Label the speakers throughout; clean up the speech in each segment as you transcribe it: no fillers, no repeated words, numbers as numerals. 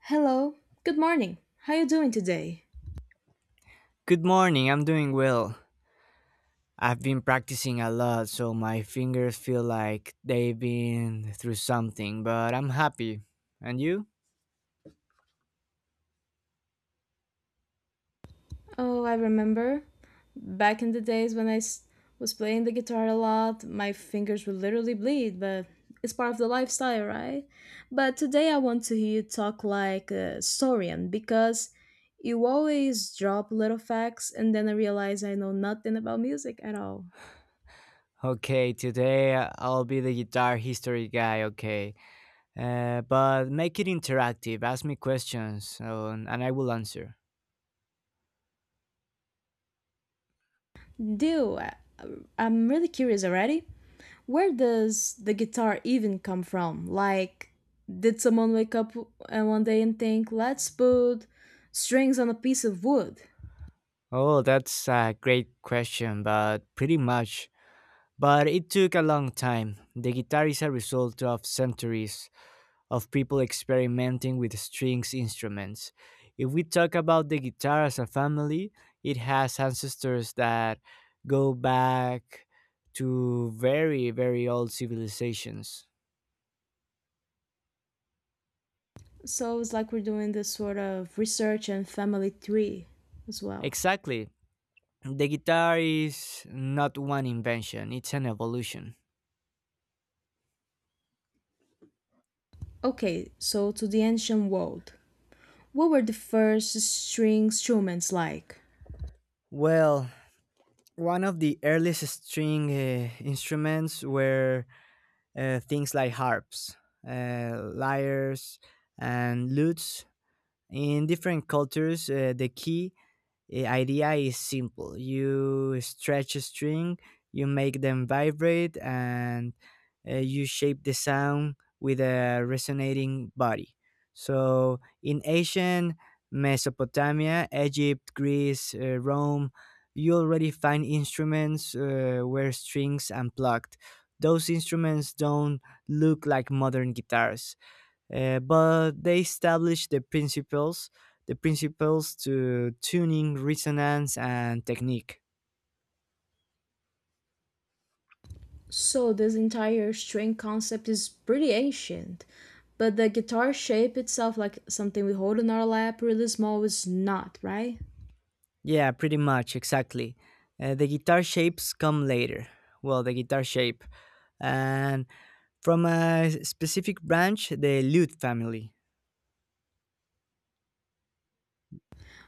Speaker 1: Hello. Good morning. How you doing today?
Speaker 2: Good morning, I'm doing well. I've been practicing a lot, so my fingers feel like they've been through something, but I'm happy. And you?
Speaker 1: Oh, I remember. Back in the days when was playing the guitar a lot, my fingers would literally bleed, but it's part of the lifestyle, right? But today I want to hear you talk like a historian because you always drop little facts and then I realize I know nothing about music at all.
Speaker 2: Okay, today I'll be the guitar history guy, okay. But make it interactive, ask me questions, and I will answer.
Speaker 1: Do I'm really curious already. Where does the guitar even come from? Like, did someone wake up one day and think, let's put strings on a piece of wood?
Speaker 2: Oh, that's a great question, but pretty much. But it took a long time. The guitar is a result of centuries of people experimenting with strings instruments. If we talk about the guitar as a family, it has ancestors that go back to very, very old civilizations.
Speaker 1: So it's like we're doing this sort of research and family tree as well.
Speaker 2: Exactly. The guitar is not one invention, it's an evolution.
Speaker 1: Okay, so to the ancient world. What were the first string instruments like?
Speaker 2: Well, one of the earliest string instruments were things like harps, lyres, and lutes. In different cultures, the key idea is simple. You stretch a string, you make them vibrate, and you shape the sound with a resonating body. So, in ancient Mesopotamia, Egypt, Greece, Rome, you already find instruments where strings unplugged. Those instruments don't look like modern guitars, but they established the principles to tuning resonance and technique.
Speaker 1: So this entire string concept is pretty ancient, but the guitar shape itself, like something we hold in our lap, really small, is not, right?
Speaker 2: Yeah, pretty much exactly. The guitar shapes come later. Well, the guitar shape and from a specific branch, the lute family.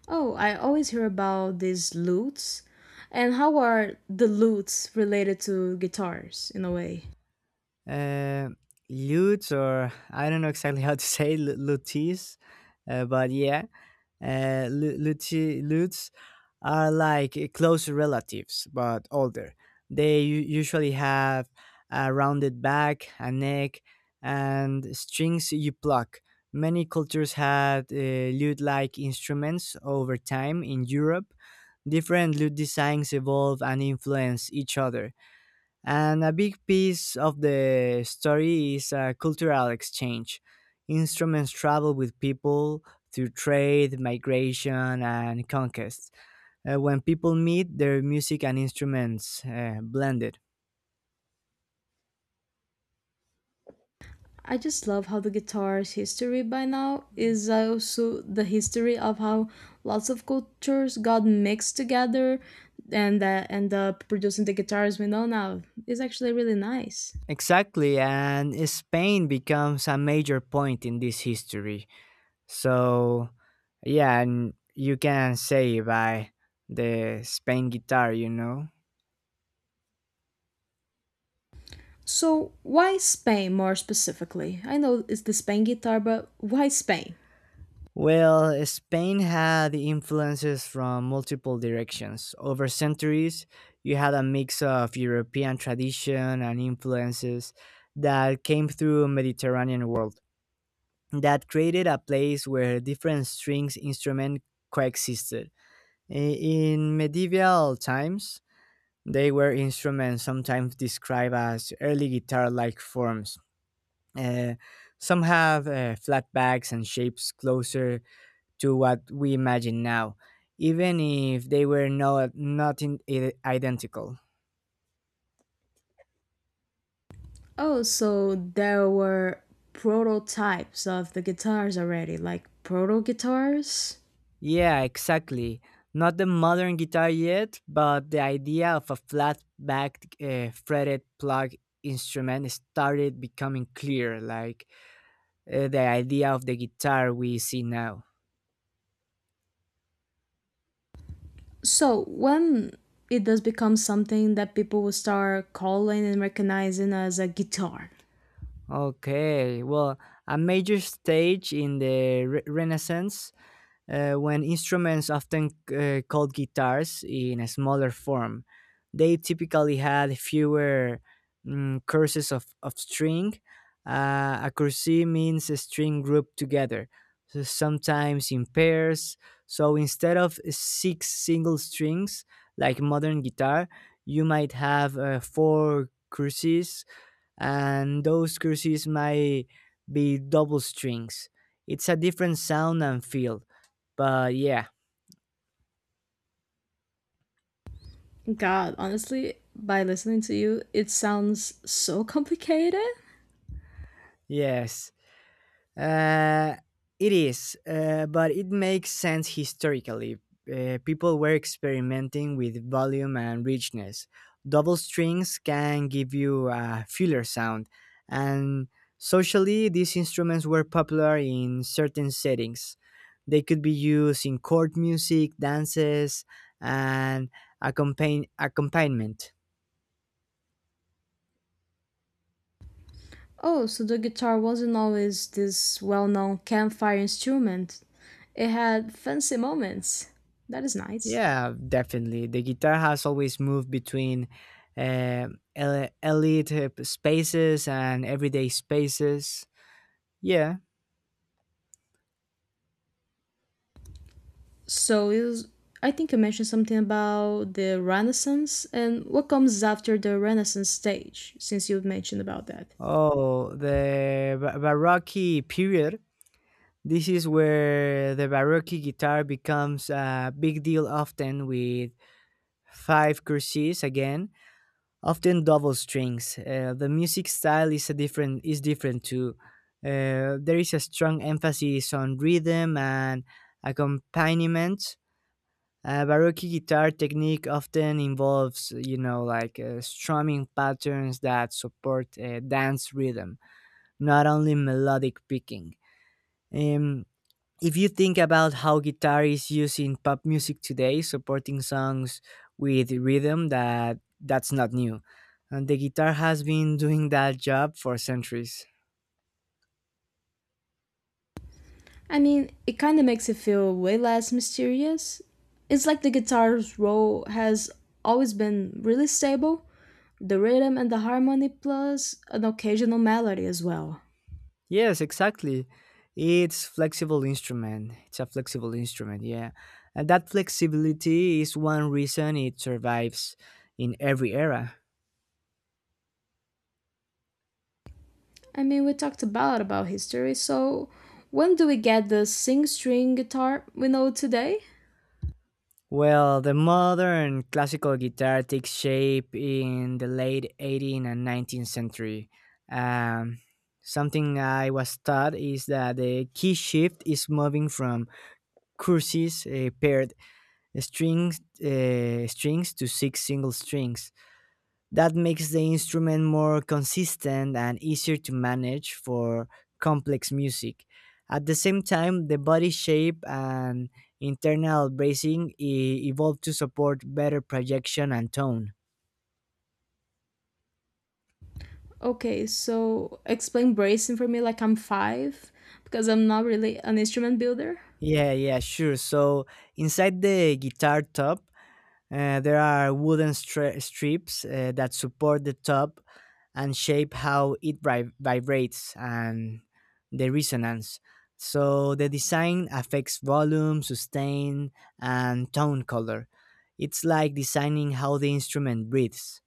Speaker 1: Oh, I always hear about these lutes. And how are the lutes related to guitars in a way?
Speaker 2: Uh, lutes or I don't know exactly how to say lutees, but yeah, lutes are like close relatives but older. They usually have a rounded back, a neck, and strings you pluck. Many cultures had lute like instruments over time in Europe. Different lute designs evolve and influence each other. And a big piece of the story is a cultural exchange. Instruments travel with people through trade, migration, and conquest. When people meet, their music and instruments blended.
Speaker 1: I just love how the guitar's history by now is also the history of how lots of cultures got mixed together and end up producing the guitars we know now. It's actually really nice.
Speaker 2: Exactly, and Spain becomes a major point in this history. So, yeah, and you can say by the Spain guitar, you know.
Speaker 1: So, why Spain more specifically? I know it's the Spain guitar, but why Spain?
Speaker 2: Well, Spain had influences from multiple directions. Over centuries, you had a mix of European tradition and influences that came through Mediterranean world, that created a place where different strings instruments coexisted. In medieval times, they were instruments sometimes described as early guitar like forms. Uh, some have flat backs and shapes closer to what we imagine now, even if they were not in, identical.
Speaker 1: Oh, so there were prototypes of the guitars already, like proto guitars.
Speaker 2: Yeah, exactly. Not the modern guitar yet, but the idea of a flat backed fretted plug instrument started becoming clear, like the idea of the guitar we see now.
Speaker 1: So, when it does become something that people will start calling and recognizing as a guitar.
Speaker 2: Okay, well, a major stage in the Renaissance, when instruments, often called guitars in a smaller form, they typically had fewer, courses of string. A course means a string grouped together, so sometimes in pairs. So instead of six single strings like modern guitar, you might have four courses, and those courses might be double strings. It's a different sound and feel, but yeah,
Speaker 1: God, honestly, by listening to you, it sounds so complicated.
Speaker 2: yes, uh, it is. But it makes sense historically. People were experimenting with volume and richness. Double strings can give you a fuller sound, and socially, these instruments were popular in certain settings. They could be used in court music, dances, and accompaniment.
Speaker 1: Oh, so the guitar wasn't always this well known campfire instrument. It had fancy moments. That is nice.
Speaker 2: Yeah, definitely. The guitar has always moved between uh, elite spaces and everyday spaces. Yeah.
Speaker 1: So it was, I think you mentioned something about the Renaissance and what comes after the Renaissance stage, since you mentioned about that.
Speaker 2: Oh, the Baroque period. This is where the Baroque guitar becomes a big deal, often with five courses again, often double strings. The music style is a different is different too. There is a strong emphasis on rhythm and accompaniment. Baroque guitar technique often involves, you know, like strumming patterns that support dance rhythm, not only melodic picking. Um, if you think about how guitar is used in pop music today, supporting songs with rhythm, that's not new. And the guitar has been doing that job for centuries.
Speaker 1: I mean, it kind of makes it feel way less mysterious. It's like the guitar's role has always been really stable, the rhythm and the harmony, plus an occasional melody as well.
Speaker 2: Yes, exactly. It's flexible instrument. It's a flexible instrument, yeah. And that flexibility is one reason it survives in every era.
Speaker 1: I mean, we talked a lot about history, so when do we get the sing string guitar we know today?
Speaker 2: Well, the modern classical guitar takes shape in the late 18th and 19th century. Um, Something I was taught is that the key shift is moving from courses, paired strings to six single strings. That makes the instrument more consistent and easier to manage for complex music. At the same time, the body shape and internal bracing evolved to support better projection and tone.
Speaker 1: Okay, so explain bracing for me like I'm five, because I'm not really an instrument builder.
Speaker 2: Yeah, yeah, sure. So inside the guitar top, there are wooden stra strips that support the top and shape how it vibrates and the resonance. So the design affects volume, sustain, and tone color. It's like designing how the instrument breathes.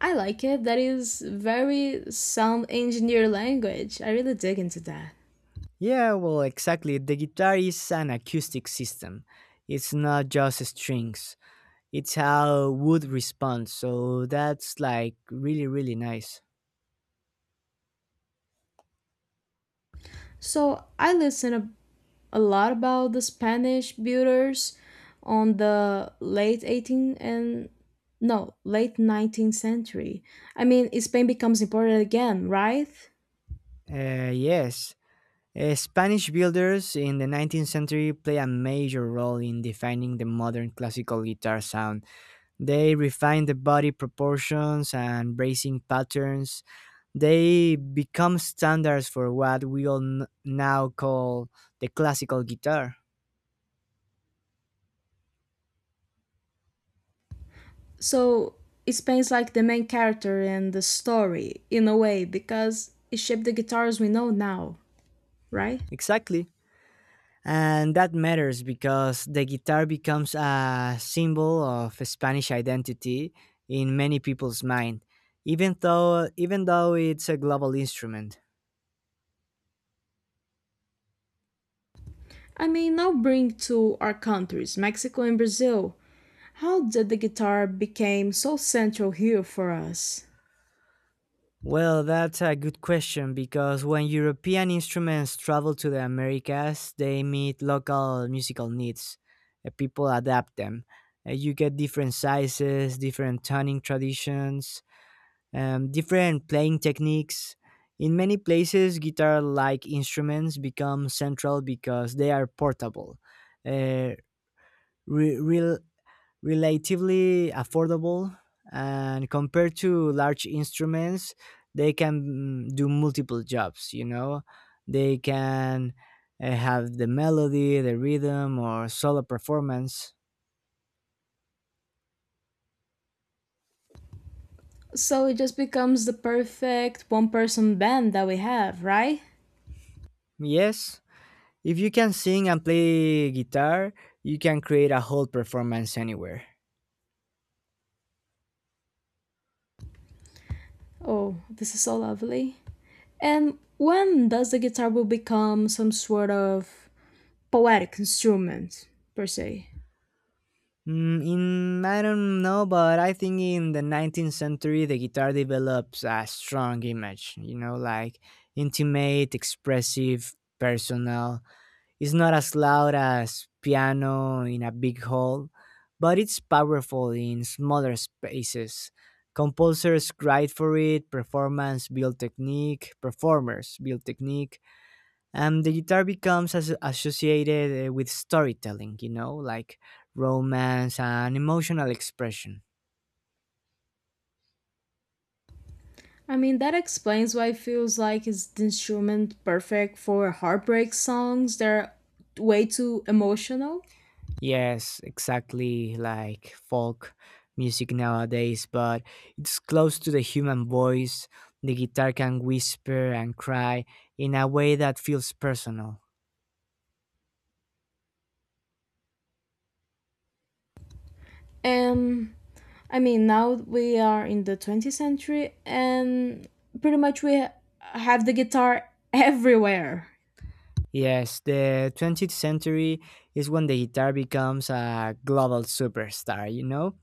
Speaker 1: I like it. That is very sound engineer language. I really dig into that.
Speaker 2: Yeah, well, exactly. The guitar is an acoustic system. It's not just strings. It's how wood responds. So that's like really, really nice.
Speaker 1: So I listen a lot about the Spanish builders on the late 18th and no, late 19th century. I mean, Spain becomes important again, right?
Speaker 2: Uh, yes. Spanish builders in the 19th century play a major role in defining the modern classical guitar sound. They refine the body proportions and bracing patterns. They become standards for what we all now call the classical guitar.
Speaker 1: So, Spain's like the main character in the story, in a way, because it shaped the guitars we know now, right?
Speaker 2: Exactly. And that matters because the guitar becomes a symbol of Spanish identity in many people's mind, even though it's a global instrument.
Speaker 1: I mean, now bring to our countries, Mexico and Brazil. How did the guitar became so central here for us?
Speaker 2: Well, that's a good question because when European instruments travel to the Americas, they meet local musical needs. People adapt them. You get different sizes, different tuning traditions, different playing techniques. In many places, guitar like instruments become central because they are portable. Uh, re- Relatively affordable and compared to large instruments, they can, do multiple jobs, you know, they can have the melody, the rhythm, or solo performance.
Speaker 1: So it just becomes the perfect one person band that we have, right?
Speaker 2: Yes, if you can sing and play guitar, you can create a whole performance anywhere.
Speaker 1: Oh, this is so lovely. And when does the guitar will become some sort of poetic instrument per se?
Speaker 2: Mm, in I don't know, but I think in the 19th century the guitar develops a strong image. You know, like intimate, expressive, personal. It's not as loud as piano in a big hall, but it's powerful in smaller spaces. Composers cried for it. Performance build technique. Performers build technique, and the guitar becomes associated with storytelling, you know, like romance and emotional expression.
Speaker 1: I mean that explains why it feels like it's the instrument perfect for heartbreak songs. They're way too emotional.
Speaker 2: Yes, exactly, like folk music nowadays, but it's close to the human voice. The guitar can whisper and cry in a way that feels personal.
Speaker 1: And I mean now we are in the 20th century and pretty much have the guitar everywhere.
Speaker 2: Yes, the 20th century is when the guitar becomes a global superstar, you know,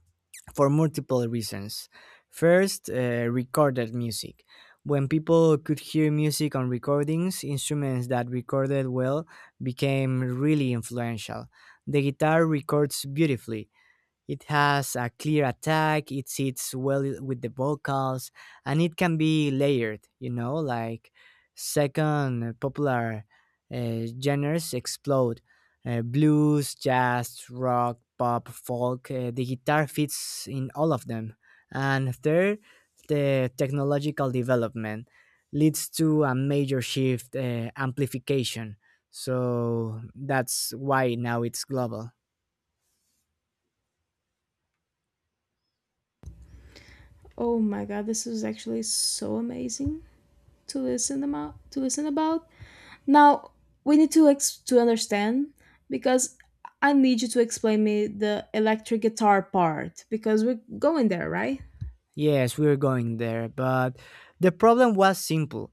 Speaker 2: for multiple reasons. First, recorded music. When people could hear music on recordings, instruments that recorded well became really influential. The guitar records beautifully, it has a clear attack, it sits well with the vocals, and it can be layered, you know. Like second, popular genres explode: blues, jazz, rock, pop, folk. The guitar fits in all of them. And third, the technological development leads to a major shift, amplification. So that's why now it's global.
Speaker 1: Oh my god, this is actually so amazing to listen about. To listen about. Now we need to understand because I need you to explain me the electric guitar part because we're going there, right?
Speaker 2: Yes, we were going there, but the problem was simple.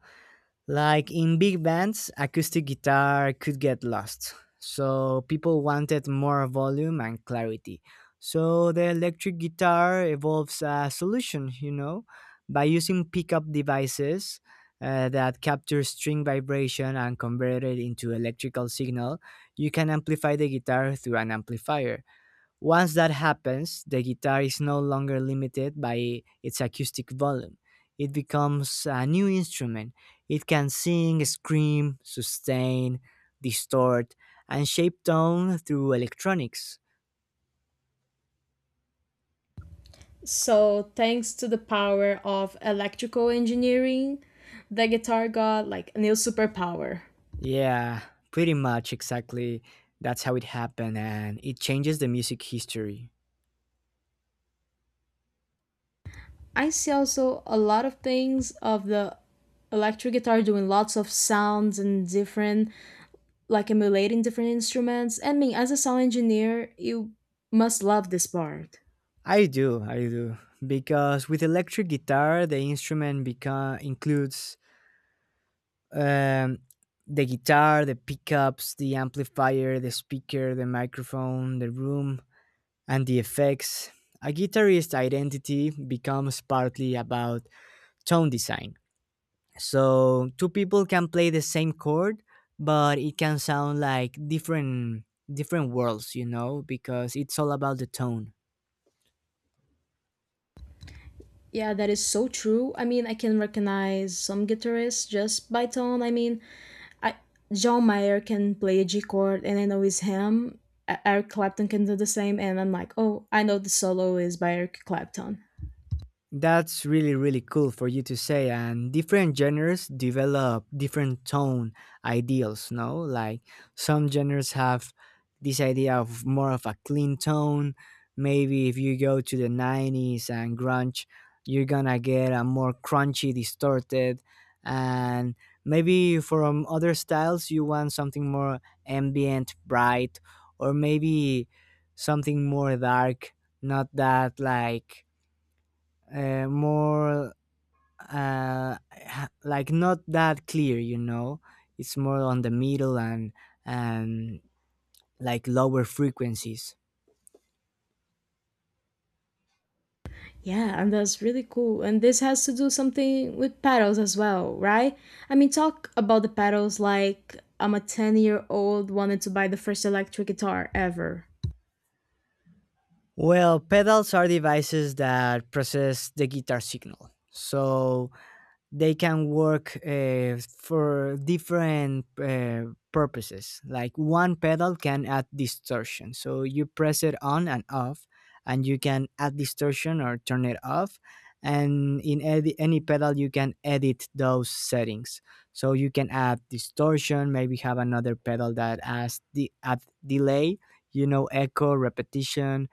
Speaker 2: Like in big bands, acoustic guitar could get lost. So people wanted more volume and clarity. So the electric guitar evolves a solution, you know, by using pickup devices that capture string vibration and convert it into electrical signal. You can amplify the guitar through an amplifier. Once that happens, the guitar is no longer limited by its acoustic volume. It becomes a new instrument. It can sing, scream, sustain, distort, and shape tone through electronics.
Speaker 1: So thanks to the power of electrical engineering, the guitar got like a new superpower.
Speaker 2: Yeah, pretty much exactly. That's how it happened, and it changes the music history.
Speaker 1: I see also a lot of things of the electric guitar doing lots of sounds and different like emulating different instruments. And me, as a sound engineer, you must love this part.
Speaker 2: I do, I do. Because with electric guitar, the instrument become includes um, the guitar, the pickups, the amplifier, the speaker, the microphone, the room, and the effects. A guitarist's identity becomes partly about tone design. So, two people can play the same chord, but it can sound like different worlds, you know, because it's all about the tone.
Speaker 1: Yeah, that is so true. I mean, I can recognize some guitarists just by tone. I mean, I, John Mayer can play a G chord and I know it's him. Eric Clapton can do the same, and I'm like, oh, I know the solo is by Eric Clapton.
Speaker 2: That's really really cool for you to say, and different genres develop different tone ideals, no? Like some genres have this idea of more of a clean tone. Maybe if you go to the 90s and grunge, you're going to get a more crunchy, distorted, and maybe from other styles you want something more ambient, bright, or maybe something more dark, not that like, uh, more like not that clear, you know, it's more on the middle and and like lower frequencies.
Speaker 1: Yeah, and that's really cool. And this has to do something with pedals as well, right? I mean, talk about the pedals. Like I'm a 10-year-old wanted to buy the first electric guitar ever.
Speaker 2: Well, pedals are devices that process the guitar signal, so they can work for different purposes. Like one pedal can add distortion. So you press it on and off, and you can add distortion or turn it off. And in any pedal, you can edit those settings. So you can add distortion, maybe have another pedal that adds the add delay, you know, echo, repetition,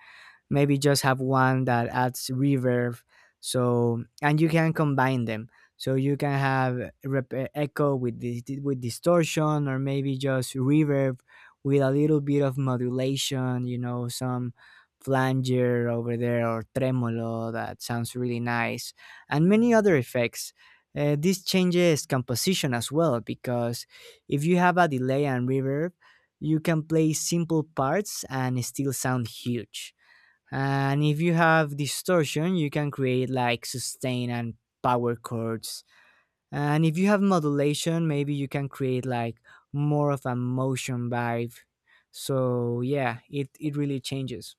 Speaker 2: maybe just have one that adds reverb so and you can combine them so you can have echo with distortion or maybe just reverb with a little bit of modulation, you know, some flanger over there or tremolo that sounds really nice and many other effects. This changes composition as well because if you have a delay and reverb you can play simple parts and still sound huge, and if you have distortion, you can create like sustain and power chords. And if you have modulation, maybe you can create like more of a motion vibe. So yeah, it really changes.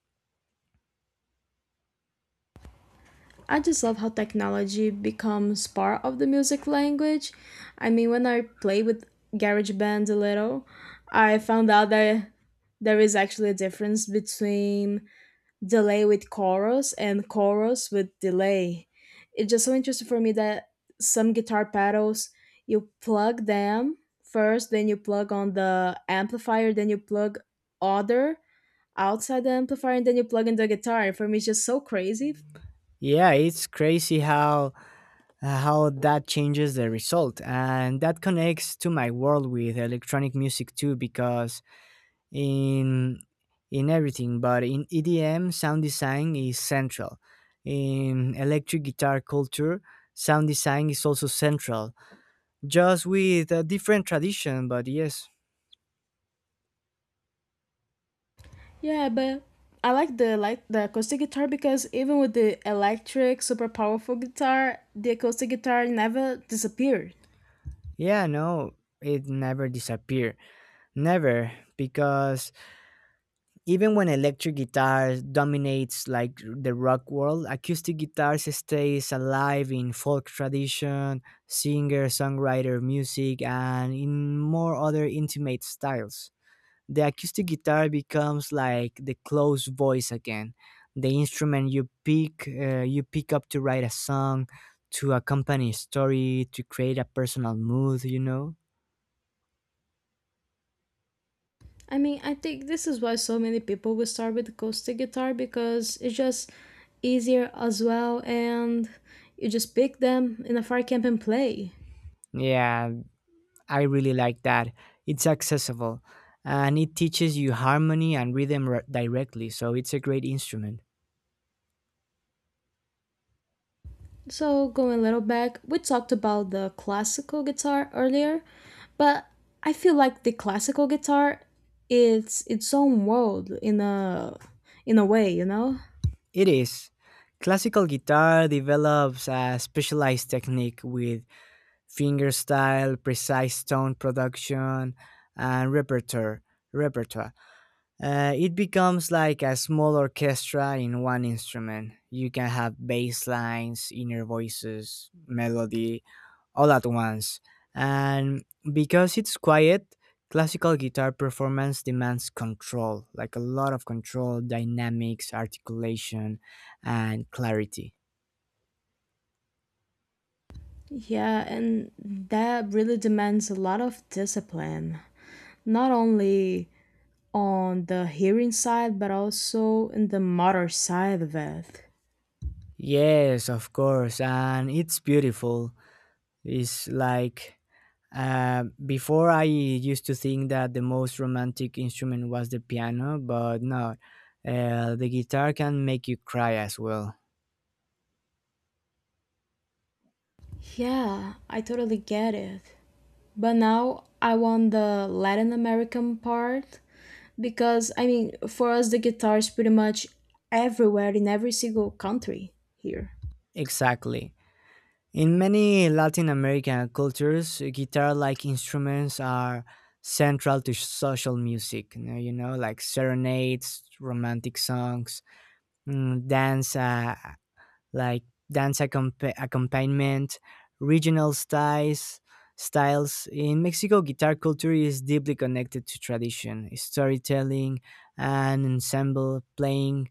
Speaker 1: I just love how technology becomes part of the music language. I mean, when I play with GarageBand a little, I found out that there is actually a difference between delay with chorus and chorus with delay. It's just so interesting for me that some guitar pedals you plug them first, then you plug on the amplifier, then you plug other outside the amplifier, and then you plug in the guitar. For me, it's just so crazy.
Speaker 2: Yeah, it's crazy how that changes the result, and that connects to my world with electronic music too because in in everything, but in EDM, sound design is central. In electric guitar culture, sound design is also central, just with a different tradition. But yes,
Speaker 1: Yeah, but I like the acoustic guitar because even with the electric super powerful guitar, the acoustic guitar never disappeared.
Speaker 2: yeah, no, it never disappear, never, because even when electric guitar dominates like the rock world, acoustic guitars stays alive in folk tradition, singer, songwriter music, and in more other intimate styles. The acoustic guitar becomes like the closed voice again, the instrument you pick up to write a song, to accompany a story, to create a personal mood. You know.
Speaker 1: I mean, I think this is why so many people will start with acoustic guitar because it's just easier as well, and you just pick them in a fire camp and play.
Speaker 2: Yeah, I really like that. It's accessible, and it teaches you harmony and rhythm directly. So it's a great instrument.
Speaker 1: So, going a little back, we talked about the classical guitar earlier, but I feel like the classical guitar it's its own world in a way, you know?
Speaker 2: It is. Classical guitar develops a specialized technique with finger style, precise tone production, and repertoire. Repertoire. It becomes like a small orchestra in one instrument. You can have bass lines, inner voices, melody, all at once. And because it's quiet, classical guitar performance demands control, like a lot of control, dynamics, articulation, and clarity.
Speaker 1: Yeah, and that really demands a lot of discipline. Not only on the hearing side, but also in the motor side of it.
Speaker 2: Yes, of course, and it's beautiful. It's like before I used to think that the most romantic instrument was the piano, but no, the guitar can make you cry as well.
Speaker 1: Yeah, I totally get it. But now I want the Latin American part because I mean, for us, the guitar is pretty much everywhere in every single country here.
Speaker 2: Exactly. In many Latin American cultures, guitar like instruments are central to social music, you know, like serenades, romantic songs, dance like dance accompaniment, regional styles. In Mexico, guitar culture is deeply connected to tradition, storytelling, and ensemble playing.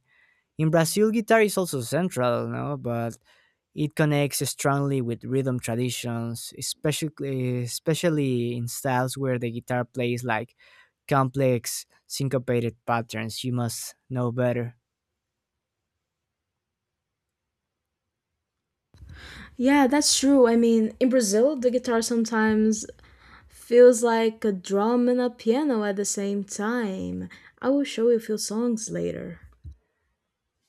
Speaker 2: In Brazil, guitar is also central, no? But it connects strongly with rhythm traditions, especially in styles where the guitar plays like complex syncopated patterns. You must know better.
Speaker 1: Yeah, that's true. I mean, in Brazil, the guitar sometimes feels like a drum and a piano at the same time. I will show you a few songs later.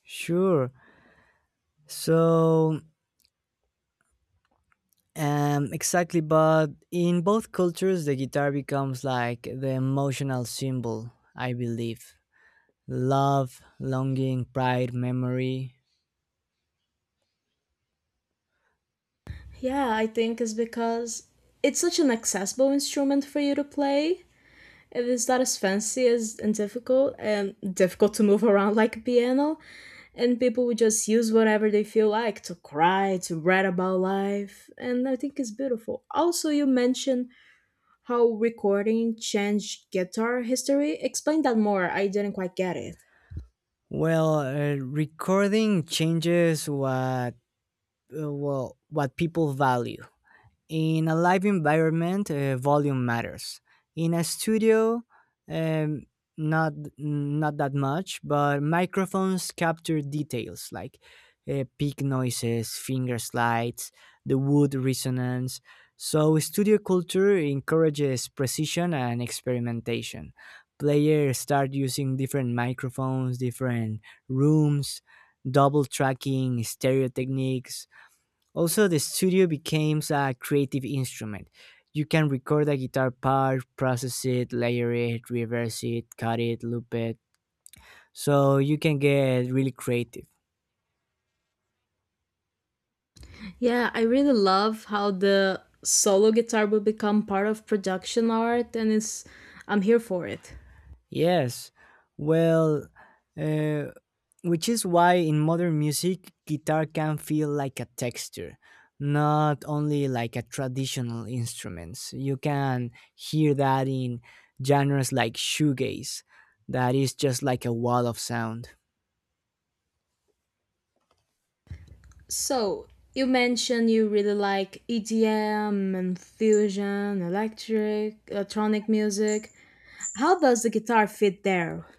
Speaker 2: Sure. So exactly, but in both cultures, the guitar becomes like the emotional symbol, I believe. Love, longing, pride, memory.
Speaker 1: Yeah, I think it's because it's such an accessible instrument for you to play. It is not as fancy as and difficult to move around like a piano. And people would just use whatever they feel like to cry, to write about life. And I think it's beautiful. Also, you mentioned how recording changed guitar history. Explain that more. I didn't quite get it.
Speaker 2: Well, recording changes what people value. In a live environment, volume matters. In a studio, um, not not that much, but microphones capture details like peak noises, finger slides, the wood resonance. So studio culture encourages precision and experimentation. Players start using different microphones, different rooms, double tracking, stereo techniques, also, the studio becomes a creative instrument. You can record a guitar part, process it, layer it, reverse it, cut it, loop it. So you can get really creative.
Speaker 1: Yeah, I really love how the solo guitar will become part of production art and it's I'm here for it.
Speaker 2: Yes. Well, uh, which is why in modern music, guitar can feel like a texture, not only like a traditional instruments. You can hear that in genres like shoegaze, that is just like a wall of sound.
Speaker 1: So, you mentioned you really like EDM and fusion, electric, electronic music. How does the guitar fit there?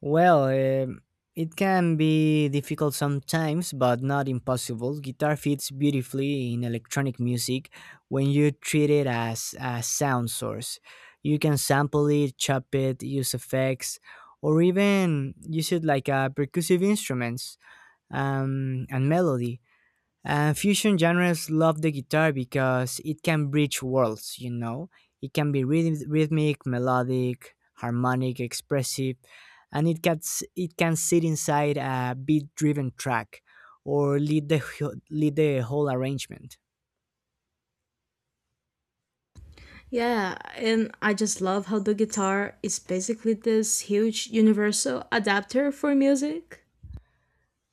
Speaker 2: Well, it can be difficult sometimes, but not impossible. Guitar fits beautifully in electronic music when you treat it as a sound source. You can sample it, chop it, use effects, or even use it like a percussive instruments and melody. And fusion genres love the guitar because it can bridge worlds, you know. It can be rhythmic, melodic, harmonic, expressive, and it can sit inside a beat driven track or lead the whole arrangement.
Speaker 1: Yeah, and I just love how the guitar is basically this huge universal adapter for music.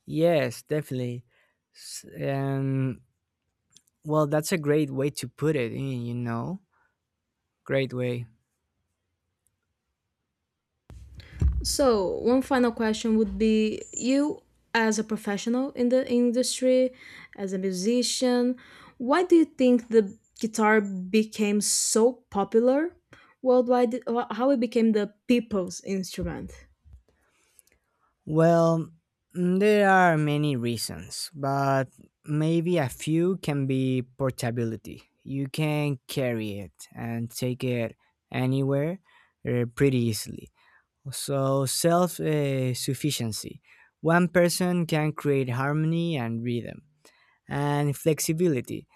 Speaker 2: Yes, definitely. S- Um, well, that's a great way to put it, you know. Great way.
Speaker 1: So, one final question would be you as a professional in the industry, as a musician, why do you think the guitar became so popular worldwide? How it became the people's instrument?
Speaker 2: Well, there are many reasons, but maybe a few can be portability. You can carry it and take it anywhere pretty easily. So, self sufficiency. One person can create harmony and rhythm. And flexibility.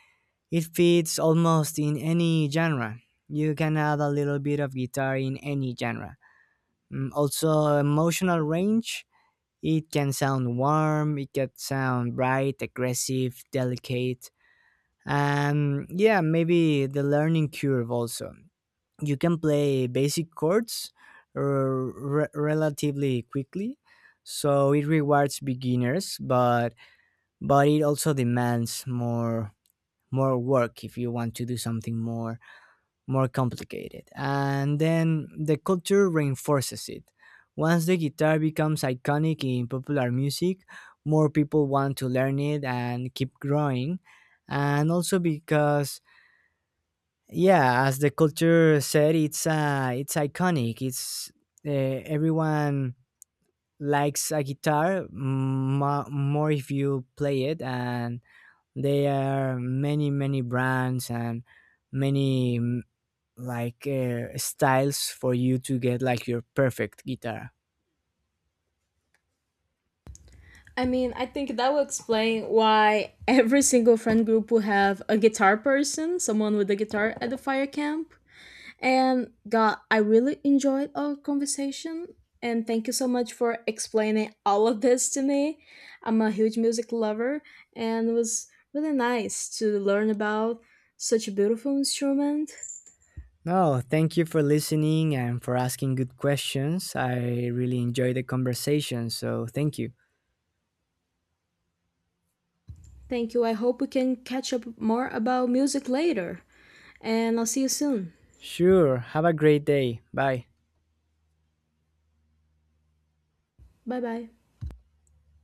Speaker 2: It fits almost in any genre. You can add a little bit of guitar in any genre. Also, emotional range, it can sound warm, it can sound bright, aggressive, delicate, and yeah, maybe the learning curve also. You can play basic chords relatively quickly, so it rewards beginners, but it also demands more work if you want to do something more complicated. And then the culture reinforces it. Once the guitar becomes iconic in popular music, more people want to learn it and keep growing. And also because, yeah, as the culture said, it's iconic. It's everyone likes a guitar, more if you play it, and there are many brands and many like styles for you to get like your perfect guitar.
Speaker 1: I mean, I think that will explain why every single friend group will have a guitar person, someone with a guitar at the fire camp. And God, I really enjoyed our conversation. And thank you so much for explaining all of this to me. I'm a huge music lover, and it was really nice to learn about such a beautiful instrument.
Speaker 2: No, thank you for listening and for asking good questions. I really enjoyed the conversation, so thank you.
Speaker 1: Thank you. I hope we can catch up more about music later. And I'll see you soon.
Speaker 2: Sure, have a great day. Bye.
Speaker 1: Bye bye.